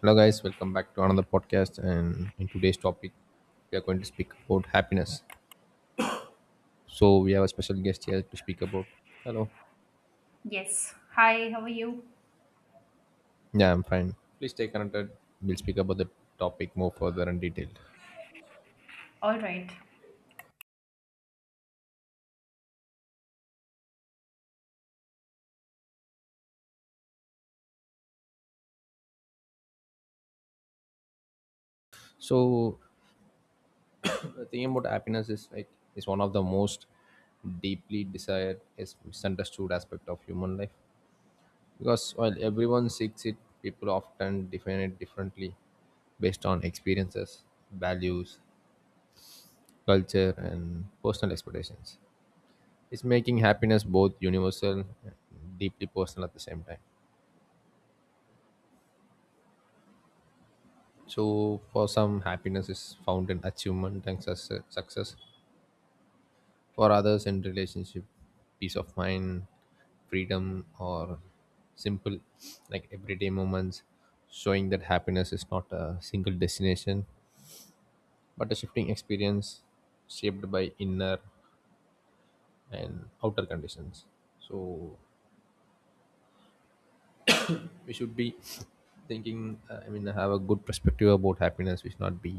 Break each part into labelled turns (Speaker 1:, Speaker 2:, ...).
Speaker 1: Hello, guys. Welcome back to another podcast. And in today's topic, we are going to speak about happiness. So we have a special guest here to speak about. Hello.
Speaker 2: Yes. Hi, how are you?
Speaker 1: Yeah, I'm fine. Please stay connected. We'll speak about the topic more further and detail.
Speaker 2: All right.
Speaker 1: So the thing about happiness is like is one of the most deeply desired is misunderstood aspect of human life, because while everyone seeks it, people often define it differently based on experiences, values, culture, and personal expectations. It's making happiness both universal and deeply personal at the same time. So, for some, happiness is found in achievement and success. For others, in relationship, peace of mind, freedom, or simple, like everyday moments, showing that happiness is not a single destination but a shifting experience shaped by inner and outer conditions. So, we should be thinking I mean, have a good perspective about happiness. We should not be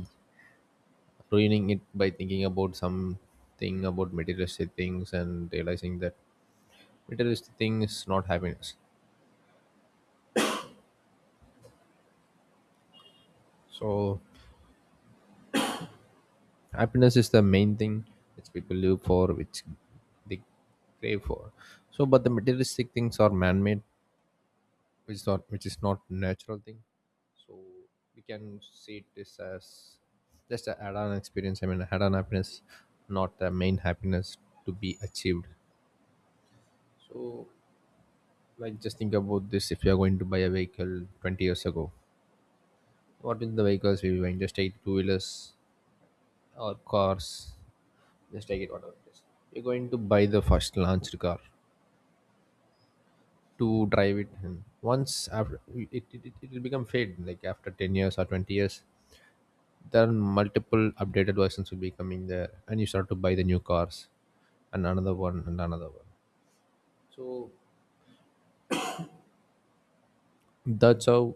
Speaker 1: ruining it by thinking about something about materialistic things, and realizing that materialistic thing is not happiness. So happiness is the main thing which people live for, which they crave for. So but the materialistic things are man-made, which is not natural thing. So we can see this as just an add-on experience, I mean add-on happiness, not the main happiness to be achieved. So like just think about this. If you are going to buy a vehicle 20 years ago, what is the vehicles we were buying? Just take two-wheelers or cars, just take it whatever it is. You're going to buy the first launched car to drive it, and once after it, it will become fade like after 10 years or 20 years. There are multiple updated versions will be coming there, and you start to buy the new cars, and another one and another one. So that's how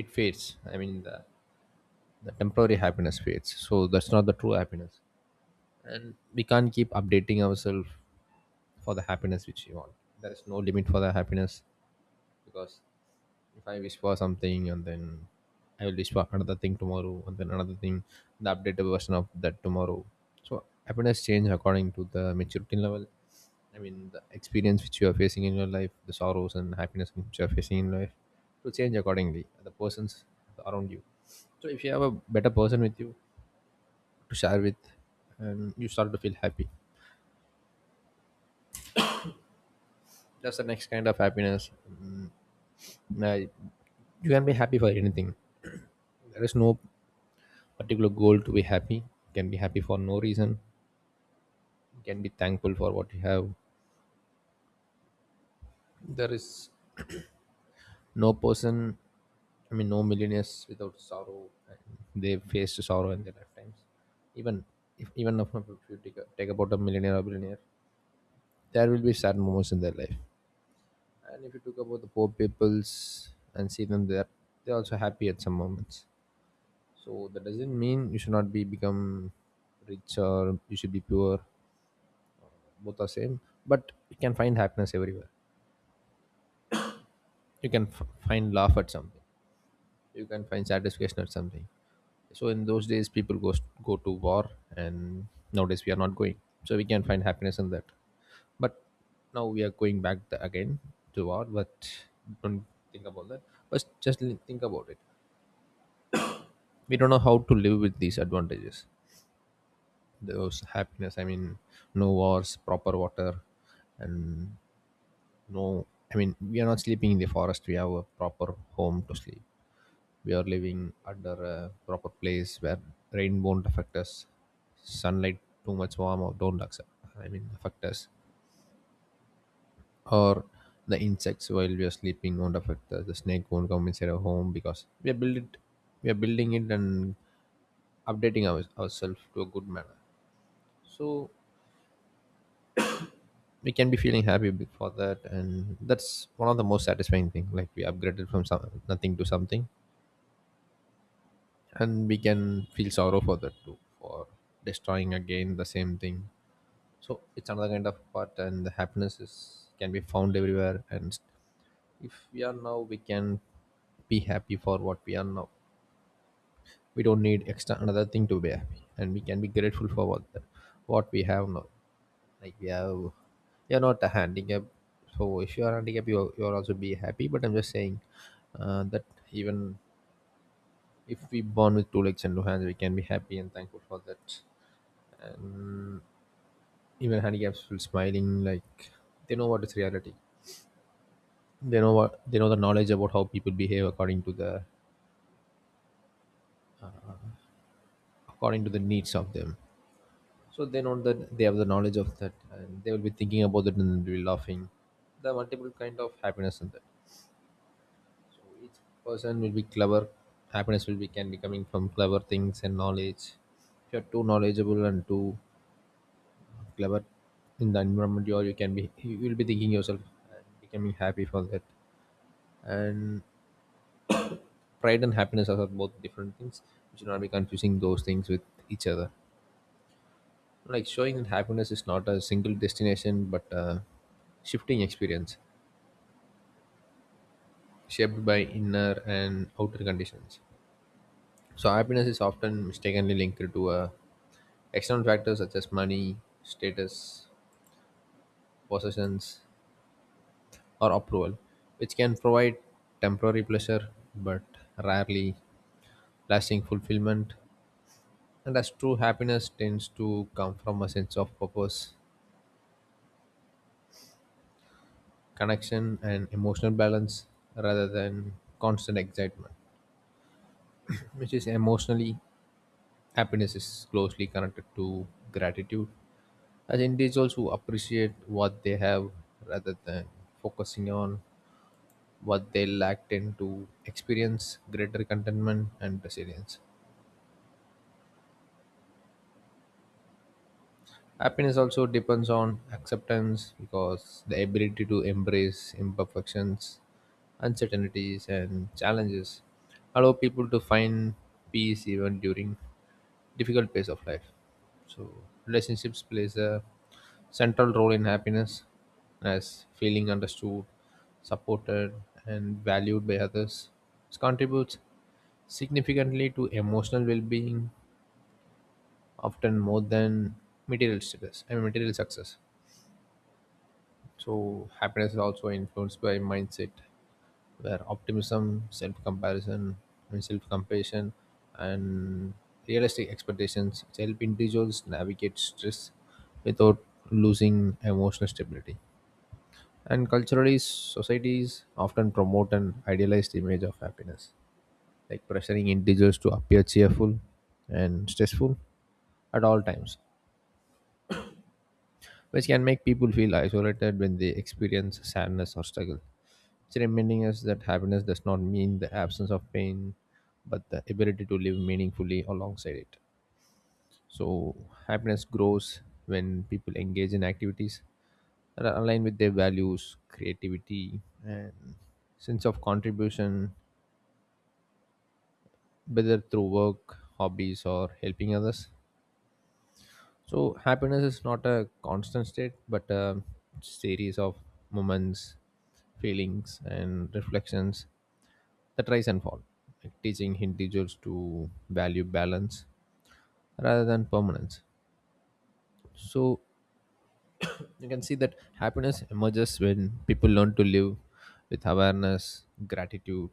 Speaker 1: it fades, I mean the temporary happiness fades, so that's not the true happiness. And we can't keep updating ourselves for the happiness which we want. There is no limit for the happiness, because if I wish for something and then I will wish for another thing tomorrow and then another thing, the updated version of that tomorrow. So happiness change according to the maturity level. I mean the experience which you are facing in your life, the sorrows and happiness which you are facing in life to change accordingly. The persons around you. So if you have a better person with you to share with and you start to feel happy. That's the next kind of happiness. Now you can be happy for anything. There is no particular goal to be happy. You can be happy for no reason. You can be thankful for what you have. There is no person, I mean, no millionaires without sorrow. And they faced sorrow in their lifetimes. Even even if you take, take about a millionaire or billionaire, there will be sad moments in their life. And if you talk about the poor peoples and see them there, they're also happy at some moments. So that doesn't mean you should not be become rich or you should be poor. Both are same, but you can find happiness everywhere. You find laugh at something, you can find satisfaction at something. So in those days people go to war, and nowadays we are not going, so we can find happiness in that. But now we are going back again to war, but don't think about that. But just think about it. We don't know how to live with these advantages, those happiness, I mean no wars, proper water, and no, I mean, we are not sleeping in the forest. We have a proper home to sleep. We are living under a proper place where rain won't affect us, sunlight too much warm or don't accept, I mean, affect us, or the insects while we are sleeping won't affect us. The snake won't come inside our home because we are building it and updating ourselves to a good manner. So we can be feeling happy for that, and that's one of the most satisfying thing. Like we upgraded from nothing to something, and we can feel sorrow for that too, for destroying again the same thing. So it's another kind of part, and the happiness is can be found everywhere. And if we are now, we can be happy for what we are now. We don't need extra another thing to be happy, and we can be grateful for what we have now. Like we have, you're not a handicap. So if you are handicap, you'll also be happy, but I'm just saying that even if we born with two legs and two hands, we can be happy and thankful for that. And even handicaps feel smiling, like they know what is reality. They know the knowledge about how people behave according to the, according to the needs of them. So they know that they have the knowledge of that, and they will be thinking about it and they'll be laughing. There are multiple kind of happiness in that. So each person will be clever. Happiness will be can be coming from clever things and knowledge. If you're too knowledgeable and too clever in the environment you are, you can be, you will be thinking yourself and becoming happy for that. And pride and happiness are both different things. We should not be confusing those things with each other. Like showing that happiness is not a single destination but a shifting experience shaped by inner and outer conditions. So happiness is often mistakenly linked to external factors such as money, status, possessions, or approval, which can provide temporary pleasure but rarely lasting fulfillment. And as true happiness tends to come from a sense of purpose, connection and emotional balance rather than constant excitement, which is emotionally, happiness is closely connected to gratitude as individuals who appreciate what they have rather than focusing on what they lack tend to experience greater contentment and resilience. Happiness also depends on acceptance because the ability to embrace imperfections, uncertainties, and challenges allow people to find peace even during difficult phase of life. So relationships plays a central role in happiness as feeling understood, supported and valued by others. This contributes significantly to emotional well-being, often more than material status, I mean material success. So happiness is also influenced by mindset, where optimism, self-comparison, and self-compassion, and realistic expectations help individuals navigate stress without losing emotional stability. And culturally, societies often promote an idealized image of happiness, like pressuring individuals to appear cheerful and stressful at all times, which can make people feel isolated when they experience sadness or struggle. It's reminding us that happiness does not mean the absence of pain, but the ability to live meaningfully alongside it. So, happiness grows when people engage in activities that are aligned with their values, creativity, and sense of contribution, whether through work, hobbies, or helping others. So happiness is not a constant state, but a series of moments, feelings, and reflections that rise and fall, like teaching individuals to value balance rather than permanence. So you can see that happiness emerges when people learn to live with awareness, gratitude,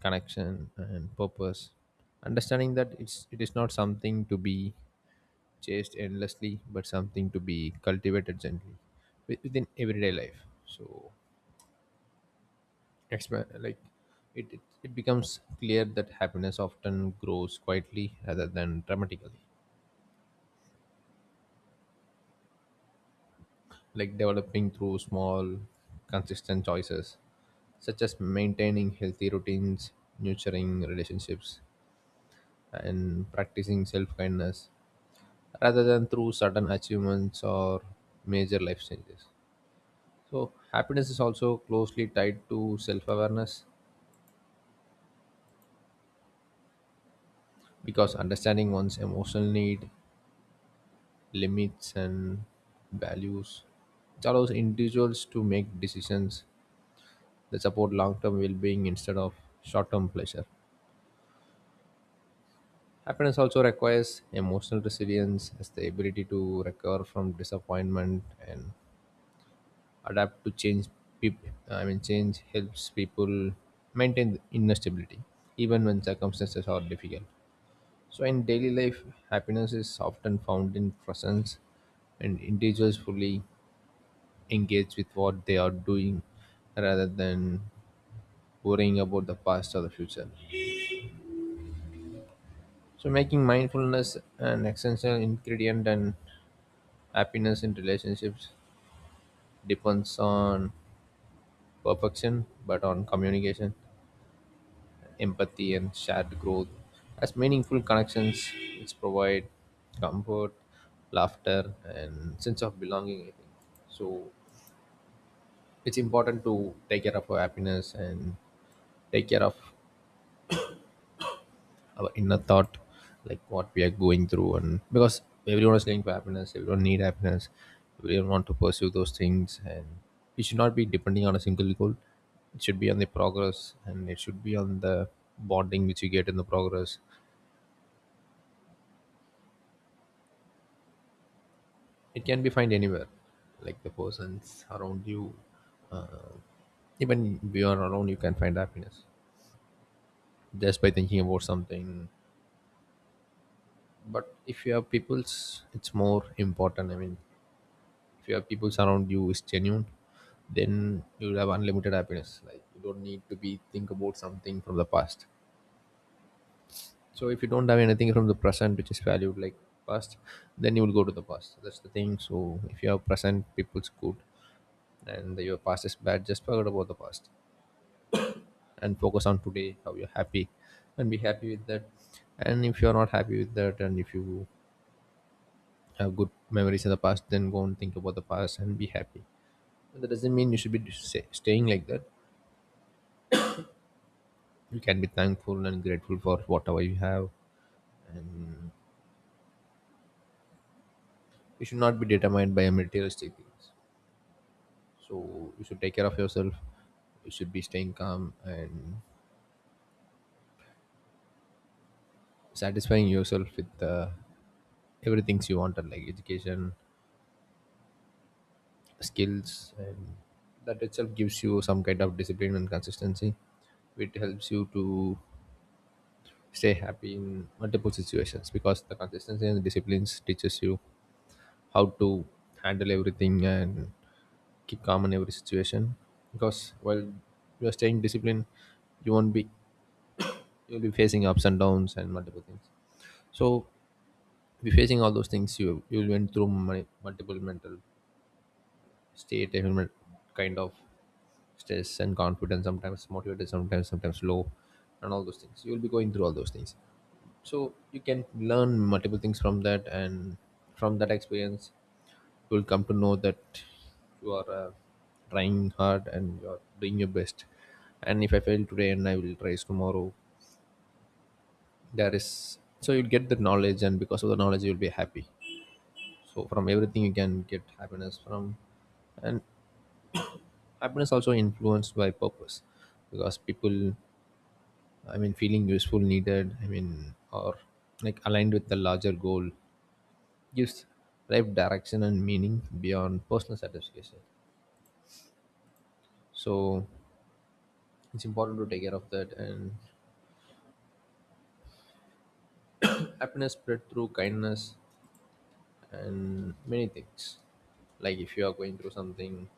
Speaker 1: connection, and purpose. Understanding that it is not something to be chased endlessly, but something to be cultivated gently within everyday life. So, like it becomes clear that happiness often grows quietly rather than dramatically, like developing through small, consistent choices, such as maintaining healthy routines, nurturing relationships, and practicing self kindness, rather than through sudden achievements or major life changes. So, happiness is also closely tied to self awareness because understanding one's emotional need, limits, and values, it allows individuals to make decisions that support long term well being instead of short term pleasure. Happiness also requires emotional resilience as the ability to recover from disappointment and adapt to change. I mean, change helps people maintain inner stability even when circumstances are difficult. So, in daily life, happiness is often found in presence and individuals fully engaged with what they are doing rather than worrying about the past or the future. So, making mindfulness an essential ingredient, and happiness in relationships depends on perfection, but on communication, empathy, and shared growth. As meaningful connections, which provide comfort, laughter, and sense of belonging. I think so. It's important to take care of our happiness and take care of our inner thought, like what we are going through. And because everyone is going for happiness, everyone need happiness, everyone want to pursue those things, and it should not be depending on a single goal. It should be on the progress, and it should be on the bonding which you get in the progress. It can be found anywhere, like the persons around you, uh, even beyond around you can find happiness just by thinking about something. But if you have people's, it's more important. If you have people around you is genuine, then you'll have unlimited happiness. Like you don't need to be think about something from the past. So if you don't have anything from the present which is valued like past, then you will go to the past. That's the thing. So if you have present, people's good, and your past is bad, just forget about the past and focus on today. How you're happy, and be happy with that. And if you're not happy with that, and if you have good memories in the past, then go and think about the past and be happy. But that doesn't mean you should be staying like that. You can be thankful and grateful for whatever you have. You should not be determined by materialistic things, so you should take care of yourself. You should be staying calm and satisfying yourself with everything you wanted, like education, skills, and that itself gives you some kind of discipline and consistency, which helps you to stay happy in multiple situations, because the consistency and the disciplines teaches you how to handle everything and keep calm in every situation. Because while you're staying disciplined, you won't be, you'll be facing ups and downs and multiple things. So be facing all those things, you went through multiple mental state, kind of stress and confidence, sometimes motivated, sometimes low, and all those things. You'll be going through all those things, so you can learn multiple things from that and from that experience. You will come to know that you are trying hard and you are doing your best. And if I fail today, and I will try tomorrow, there is, so you'll get the knowledge, and because of the knowledge you'll be happy. So from everything you can get happiness from. And happiness also influenced by purpose, because people, I mean, feeling useful, needed, I mean, or like aligned with the larger goal, gives life direction and meaning beyond personal satisfaction. So it's important to take care of that. And happiness spread through kindness and many things. Like if you are going through something,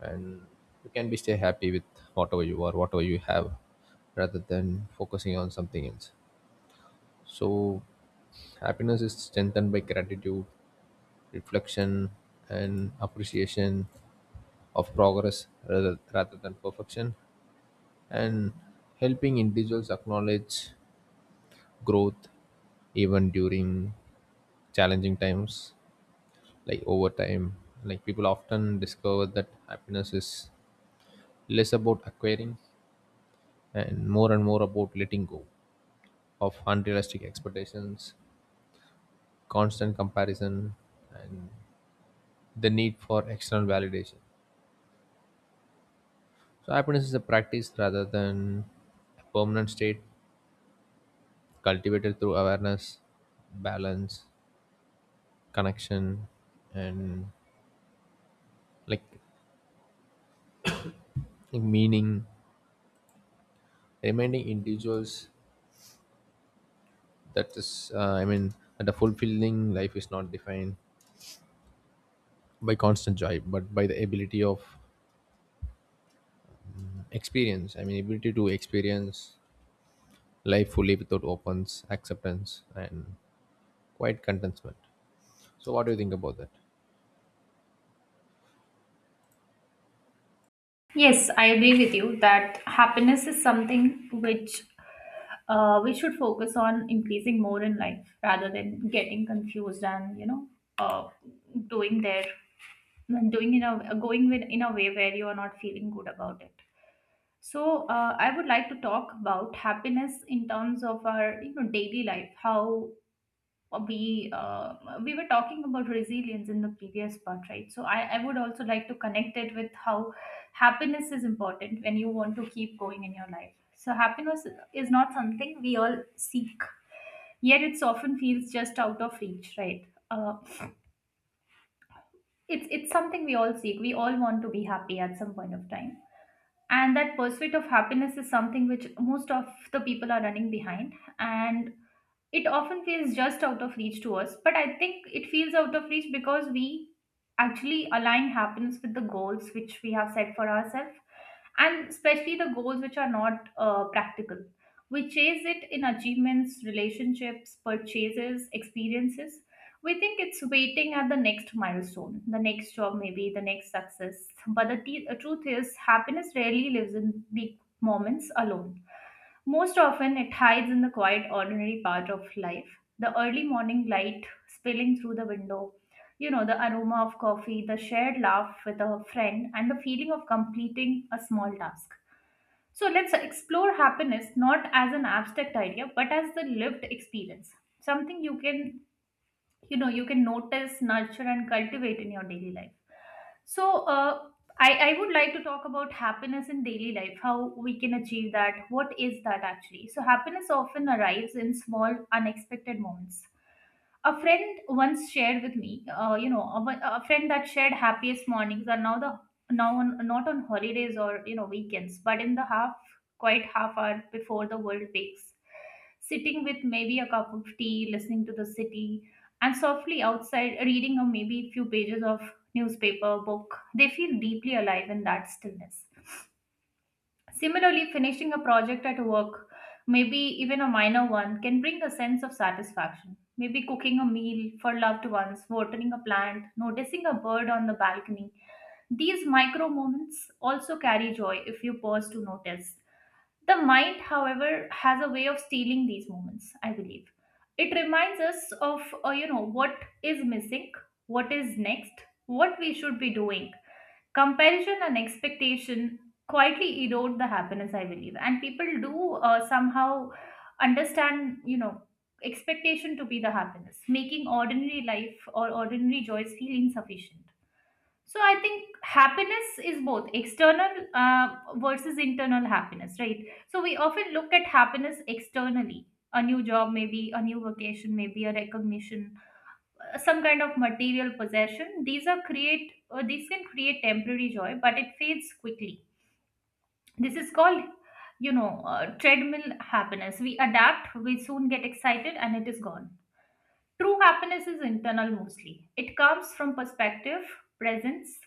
Speaker 1: and you can be stay happy with whatever you are, whatever you have, rather than focusing on something else. So happiness is strengthened by gratitude, reflection and appreciation of progress rather than perfection, and helping individuals acknowledge growth even during challenging times. Like over time, like people often discover that happiness is less about acquiring and more about letting go of unrealistic expectations, constant comparison, and the need for external validation. So happiness is a practice rather than a permanent state, cultivated through awareness, balance, connection, and like like meaning, reminding individuals that is that a fulfilling life is not defined by constant joy but by the ability of experience I mean ability to experience life fully without opens acceptance and quiet contentment. So what do you think about that?
Speaker 2: Yes, I agree with you that happiness is something which we should focus on increasing more in life rather than getting confused and uh, doing there doing in a going with in a way where you are not feeling good about it. So I would like to talk about happiness in terms of our, you know, daily life. How we uh, we were talking about resilience in the previous part, right? So I would also like to connect it with how happiness is important when you want to keep going in your life. So happiness is not something we all seek, yet it's often feels just out of reach, right? It's something we all seek, we all want to be happy at some point of time, and that pursuit of happiness is something which most of the people are running behind. And it often feels just out of reach to us, but I think it feels out of reach because we actually align happiness with the goals which we have set for ourselves, and especially the goals which are not practical. We chase it in achievements, relationships, purchases, experiences. We think it's waiting at the next milestone, the next job, maybe the next success. But the truth is, happiness rarely lives in big moments alone. Most often, it hides in the quiet, ordinary part of life. The early morning light spilling through the window, you know, the aroma of coffee, the shared laugh with a friend, and the feeling of completing a small task. So let's explore happiness not as an abstract idea, but as the lived experience, something you can, you know, you can notice, nurture and cultivate in your daily life. So I would like to talk about happiness in daily life, how we can achieve that, what is that actually. So happiness often arrives in small unexpected moments. A friend once shared with me, a friend that shared happiest mornings are now the now on, not on holidays or, you know, weekends, but in the half quite half hour before the world wakes, sitting with maybe a cup of tea, listening to the city, and softly outside reading a maybe few pages of newspaper book. They feel deeply alive in that stillness. Similarly, finishing a project at work, maybe even a minor one, can bring a sense of satisfaction. Maybe cooking a meal for loved ones, watering a plant, noticing a bird on the balcony. These micro moments also carry joy if you pause to notice. The mind, however, has a way of stealing these moments, I believe. It reminds us of, what is missing, what is next, what we should be doing. Comparison and expectation quietly erode the happiness, I believe. And people do somehow understand, you know, expectation to be the happiness, making ordinary life or ordinary joys feel insufficient. So I think happiness is both external, versus internal happiness, right? So we often look at happiness externally. A new job, maybe a new vacation, maybe a recognition, some kind of material possession. These are create, these can create temporary joy, but it fades quickly. This is called, you know, treadmill happiness. We adapt, we soon get excited and it is gone. True happiness is internal mostly. It comes from perspective, presence,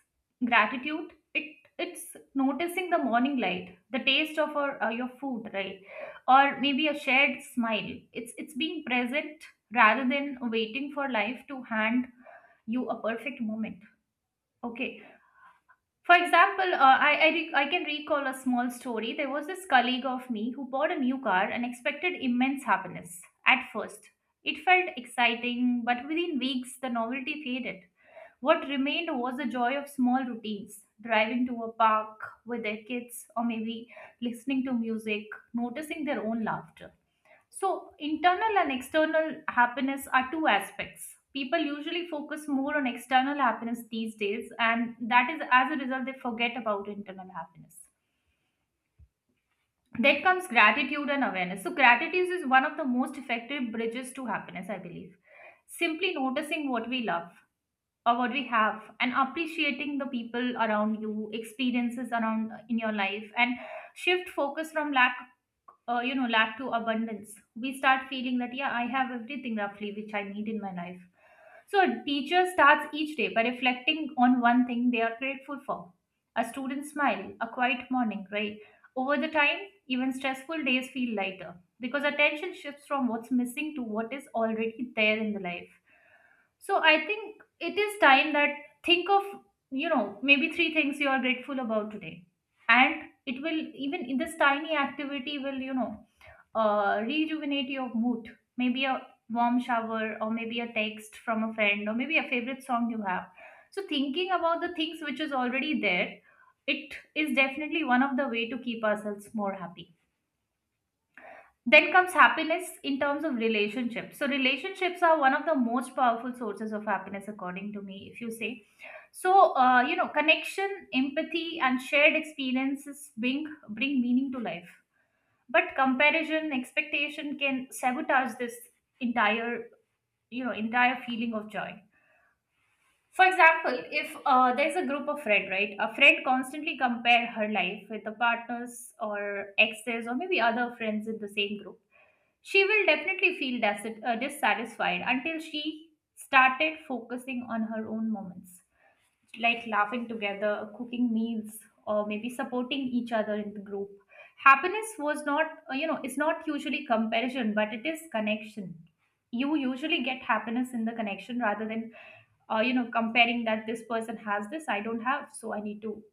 Speaker 2: gratitude. It, it's noticing the morning light, the taste of our, your food, right? Or maybe a shared smile. It's being present rather than waiting for life to hand you a perfect moment. Okay, for example, I can recall a small story. There was this colleague of me who bought a new car and expected immense happiness. At first it felt exciting, but within weeks the novelty faded. What remained was the joy of small routines, driving to a park with their kids, or maybe listening to music, noticing their own laughter. So internal and external happiness are two aspects. People usually focus more on external happiness these days, and that is, as a result, they forget about internal happiness. Then comes gratitude and awareness. So gratitude is one of the most effective bridges to happiness, I believe. Simply noticing what we love or what we have and appreciating the people around you, experiences around in your life, and shift focus from lack, lack to abundance. We start feeling that yeah, I have everything roughly which I need in my life. So a teacher starts each day by reflecting on one thing they are grateful for, a student smile, a quiet morning, right? Over the time, even stressful days feel lighter because attention shifts from what's missing to what is already there in the life. So I think it is time that think of, you know, maybe three things you are grateful about today, and it will, even in this tiny activity will, you know, rejuvenate your mood. Maybe a warm shower, or maybe a text from a friend, or maybe a favorite song you have. So thinking about the things which is already there, it is definitely one of the way to keep ourselves more happy. Then comes happiness in terms of relationships. So relationships are one of the most powerful sources of happiness, according to me. If you say so, you know, connection, empathy, and shared experiences bring meaning to life. But comparison, expectation can sabotage this entire, you know, entire feeling of joy. For example, if there's a group of friend, right, a friend constantly compare her life with the partners or exes or maybe other friends in the same group, she will definitely feel dissatisfied until she started focusing on her own moments, like laughing together, cooking meals, or maybe supporting each other in the group. Happiness was not, it's not usually comparison, but it is connection. You usually get happiness in the connection rather than, comparing that this person has this, I don't have, so I need to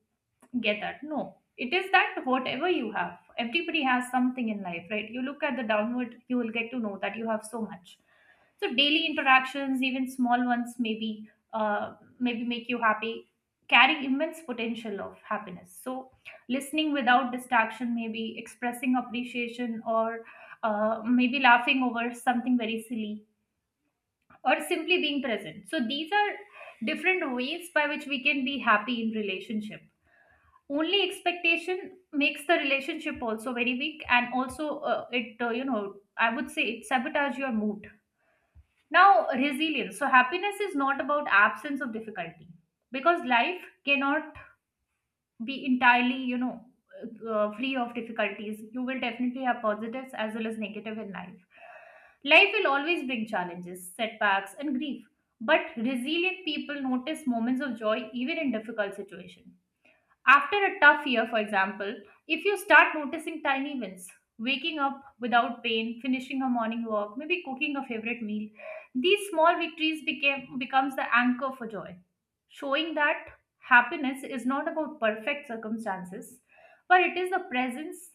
Speaker 2: get that. No, it is that whatever you have, everybody has something in life, right? You look at the downward, you will get to know that you have so much. So daily interactions, even small ones, maybe maybe make you happy, carry immense potential of happiness. So listening without distraction, maybe expressing appreciation, or maybe laughing over something very silly, or simply being present. So these are different ways by which we can be happy in relationship. Only expectation makes the relationship also very weak, and also it you know, I would say it sabotage your mood. Now, resilience. So happiness is not about absence of difficulty, because life cannot be entirely, you know, free of difficulties. You will definitely have positives as well as negative in life. Life will always bring challenges, setbacks, and grief. But resilient people notice moments of joy even in difficult situations. After a tough year, for example, if you start noticing tiny wins, waking up without pain, finishing a morning walk, maybe cooking a favorite meal, these small victories became becomes the anchor for joy, showing that happiness is not about perfect circumstances, but it is the presence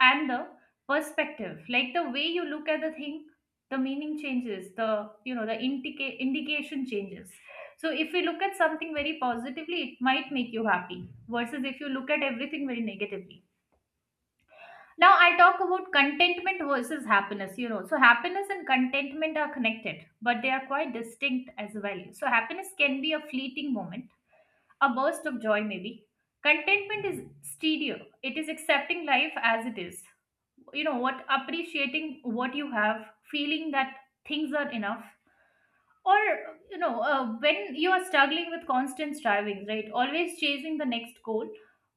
Speaker 2: and the perspective, like the way you look at the thing, the meaning changes, the, you know, the indication changes. So if you look at something very positively, it might make you happy, versus if you look at everything very negatively. Now I talk about contentment versus happiness, you know. So happiness and contentment are connected, but they are quite distinct as well. So happiness can be a fleeting moment, a burst of joy, maybe. Contentment is stereo, it is accepting life as it is. You know what? Appreciating what you have, feeling that things are enough. Or, you know, when you are struggling with constant striving, right, always chasing the next goal,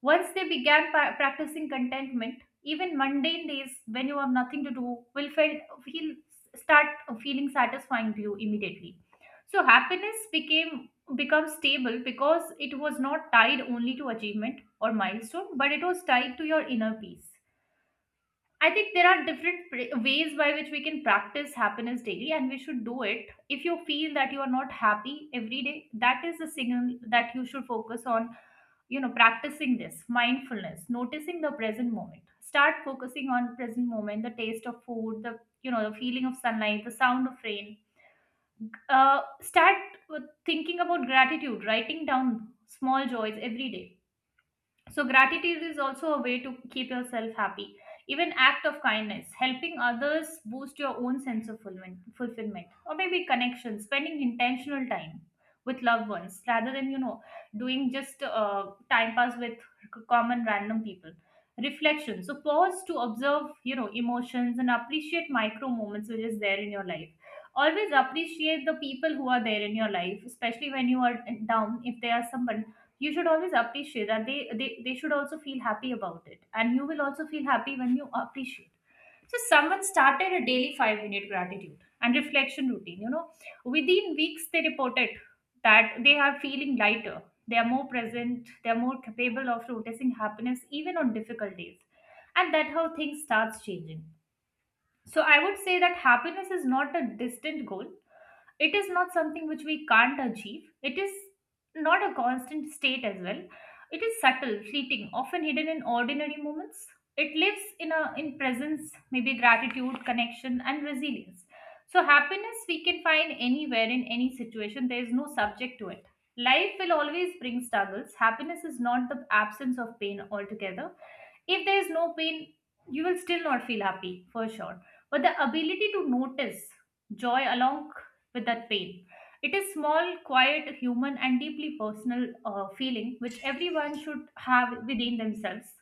Speaker 2: once they began practicing contentment, even mundane days when you have nothing to do will feel start feeling satisfying to you immediately. So happiness became become stable because it was not tied only to achievement or milestone, but it was tied to your inner peace. I think there are different ways by which we can practice happiness daily, and we should do it. If you feel that you are not happy every day, that is a signal that you should focus on, you know, practicing this mindfulness, noticing the present moment. Start focusing on present moment, the taste of food, the, you know, the feeling of sunlight, the sound of rain. Start with thinking about gratitude, writing down small joys every day. So gratitude is also a way to keep yourself happy. Even act of kindness, helping others boost your own sense of fulfillment or maybe connection, spending intentional time with loved ones rather than doing just time pass with common random people. Reflection. So pause to observe emotions and appreciate micro moments which is there in your life. Always appreciate the people who are there in your life, especially when you are down. If there are someone you should always appreciate that they should also feel happy about it, and you will also feel happy when you appreciate. So someone started a daily 5-minute gratitude and reflection routine. Within weeks they reported that they are feeling lighter, they are more present, they are more capable of noticing happiness even on difficult days, and that how things starts changing. So I would say that happiness is not a distant goal, it is not something which we can't achieve, it is not a constant state as well. It is subtle, fleeting, often hidden in ordinary moments. It lives in a in presence, maybe gratitude, connection and resilience. So happiness we can find anywhere, in any situation. There is no subject to it. Life will always bring struggles. Happiness is not the absence of pain altogether. If there is no pain, you will still not feel happy for sure. But the ability to notice joy along with that pain, it is small, quiet, human and deeply personal feeling which everyone should have within themselves.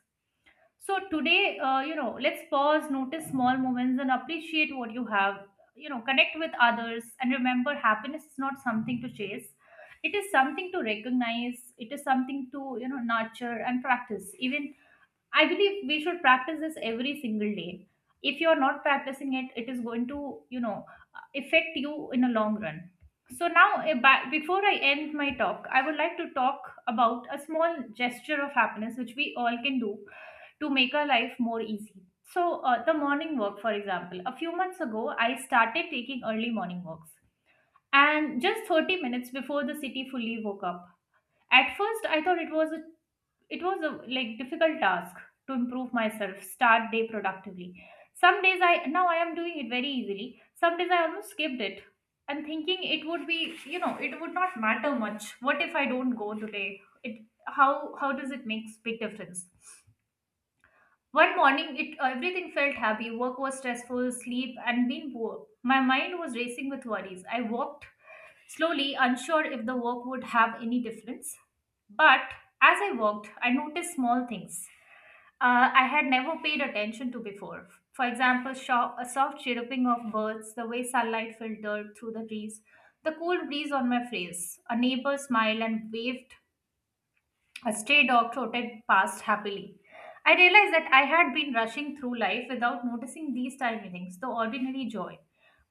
Speaker 2: So today, let's pause, notice small moments and appreciate what you have, connect with others, and remember happiness is not something to chase. It is something to recognize, it is something to nurture and practice. Even I believe we should practice this every single day. If you're not practicing it, it is going to, affect you in a long run. So now, before I end my talk, I would like to talk about a small gesture of happiness which we all can do to make our life more easy. So, the morning walk, for example, a few months ago, I started taking early morning walks, and just 30 minutes before the city fully woke up. At first, I thought it was a like difficult task to improve myself, start day productively. Some days I now I am doing it very easily, some days I almost skipped it, and thinking it would be, it would not matter much. What if I don't go today? It how how does it makes big difference? One morning, it everything felt heavy. Work was stressful, sleep, and being poor. My mind was racing with worries. I walked slowly, unsure if the work would have any difference. But as I walked, I noticed small things I had never paid attention to before. For example, a soft chirruping of birds, the way sunlight filtered through the trees, the cool breeze on my face, a neighbor smiled and waved, a stray dog trotted past happily. I realized that I had been rushing through life without noticing these tiny things, the ordinary joy.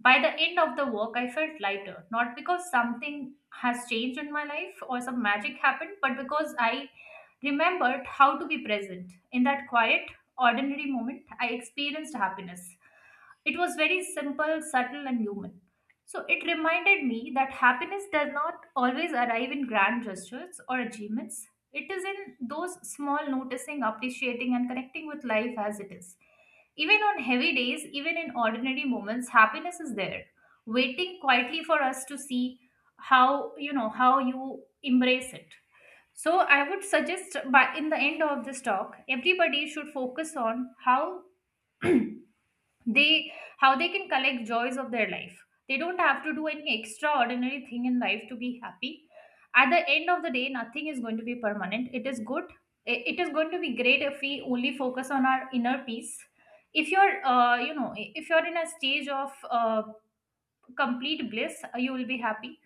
Speaker 2: By the end of the walk, I felt lighter, not because something has changed in my life or some magic happened, but because I remembered how to be present. In that quiet, ordinary moment, I experienced happiness. It was very simple, subtle, and human. So it reminded me that happiness does not always arrive in grand gestures or achievements. It is in those small noticing, appreciating, and connecting with life as it is. Even on heavy days, even in ordinary moments, happiness is there, waiting quietly for us to see how how you embrace it. So I would suggest by in the end of this talk, everybody should focus on how they can collect joys of their life. They don't have to do any extraordinary thing in life to be happy. At the end of the day, nothing is going to be permanent. It is good, it is going to be great if we only focus on our inner peace. If you're, if you're in a stage of complete bliss, you will be happy.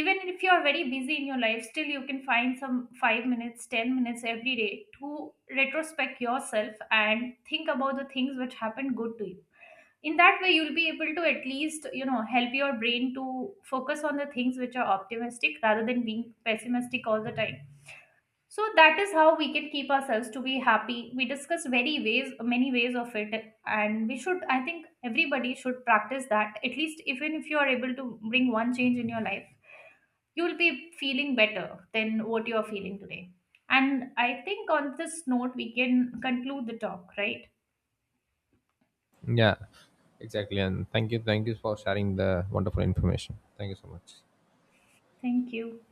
Speaker 2: Even if you're very busy in your life, still you can find some 5 minutes 10 minutes every day to retrospect yourself and think about the things which happened good to you. In that way you'll be able to at least, help your brain to focus on the things which are optimistic rather than being pessimistic all the time. So that is how we can keep ourselves to be happy. We discussed very ways, many ways of it, and we should, I think, everybody should practice that. At least even if you are able to bring one change in your life, you will be feeling better than what you are feeling today. And I think on this note we can conclude the talk, right?
Speaker 1: Yeah, exactly, and thank you, thank you for sharing the wonderful information. Thank you so much.
Speaker 2: Thank you.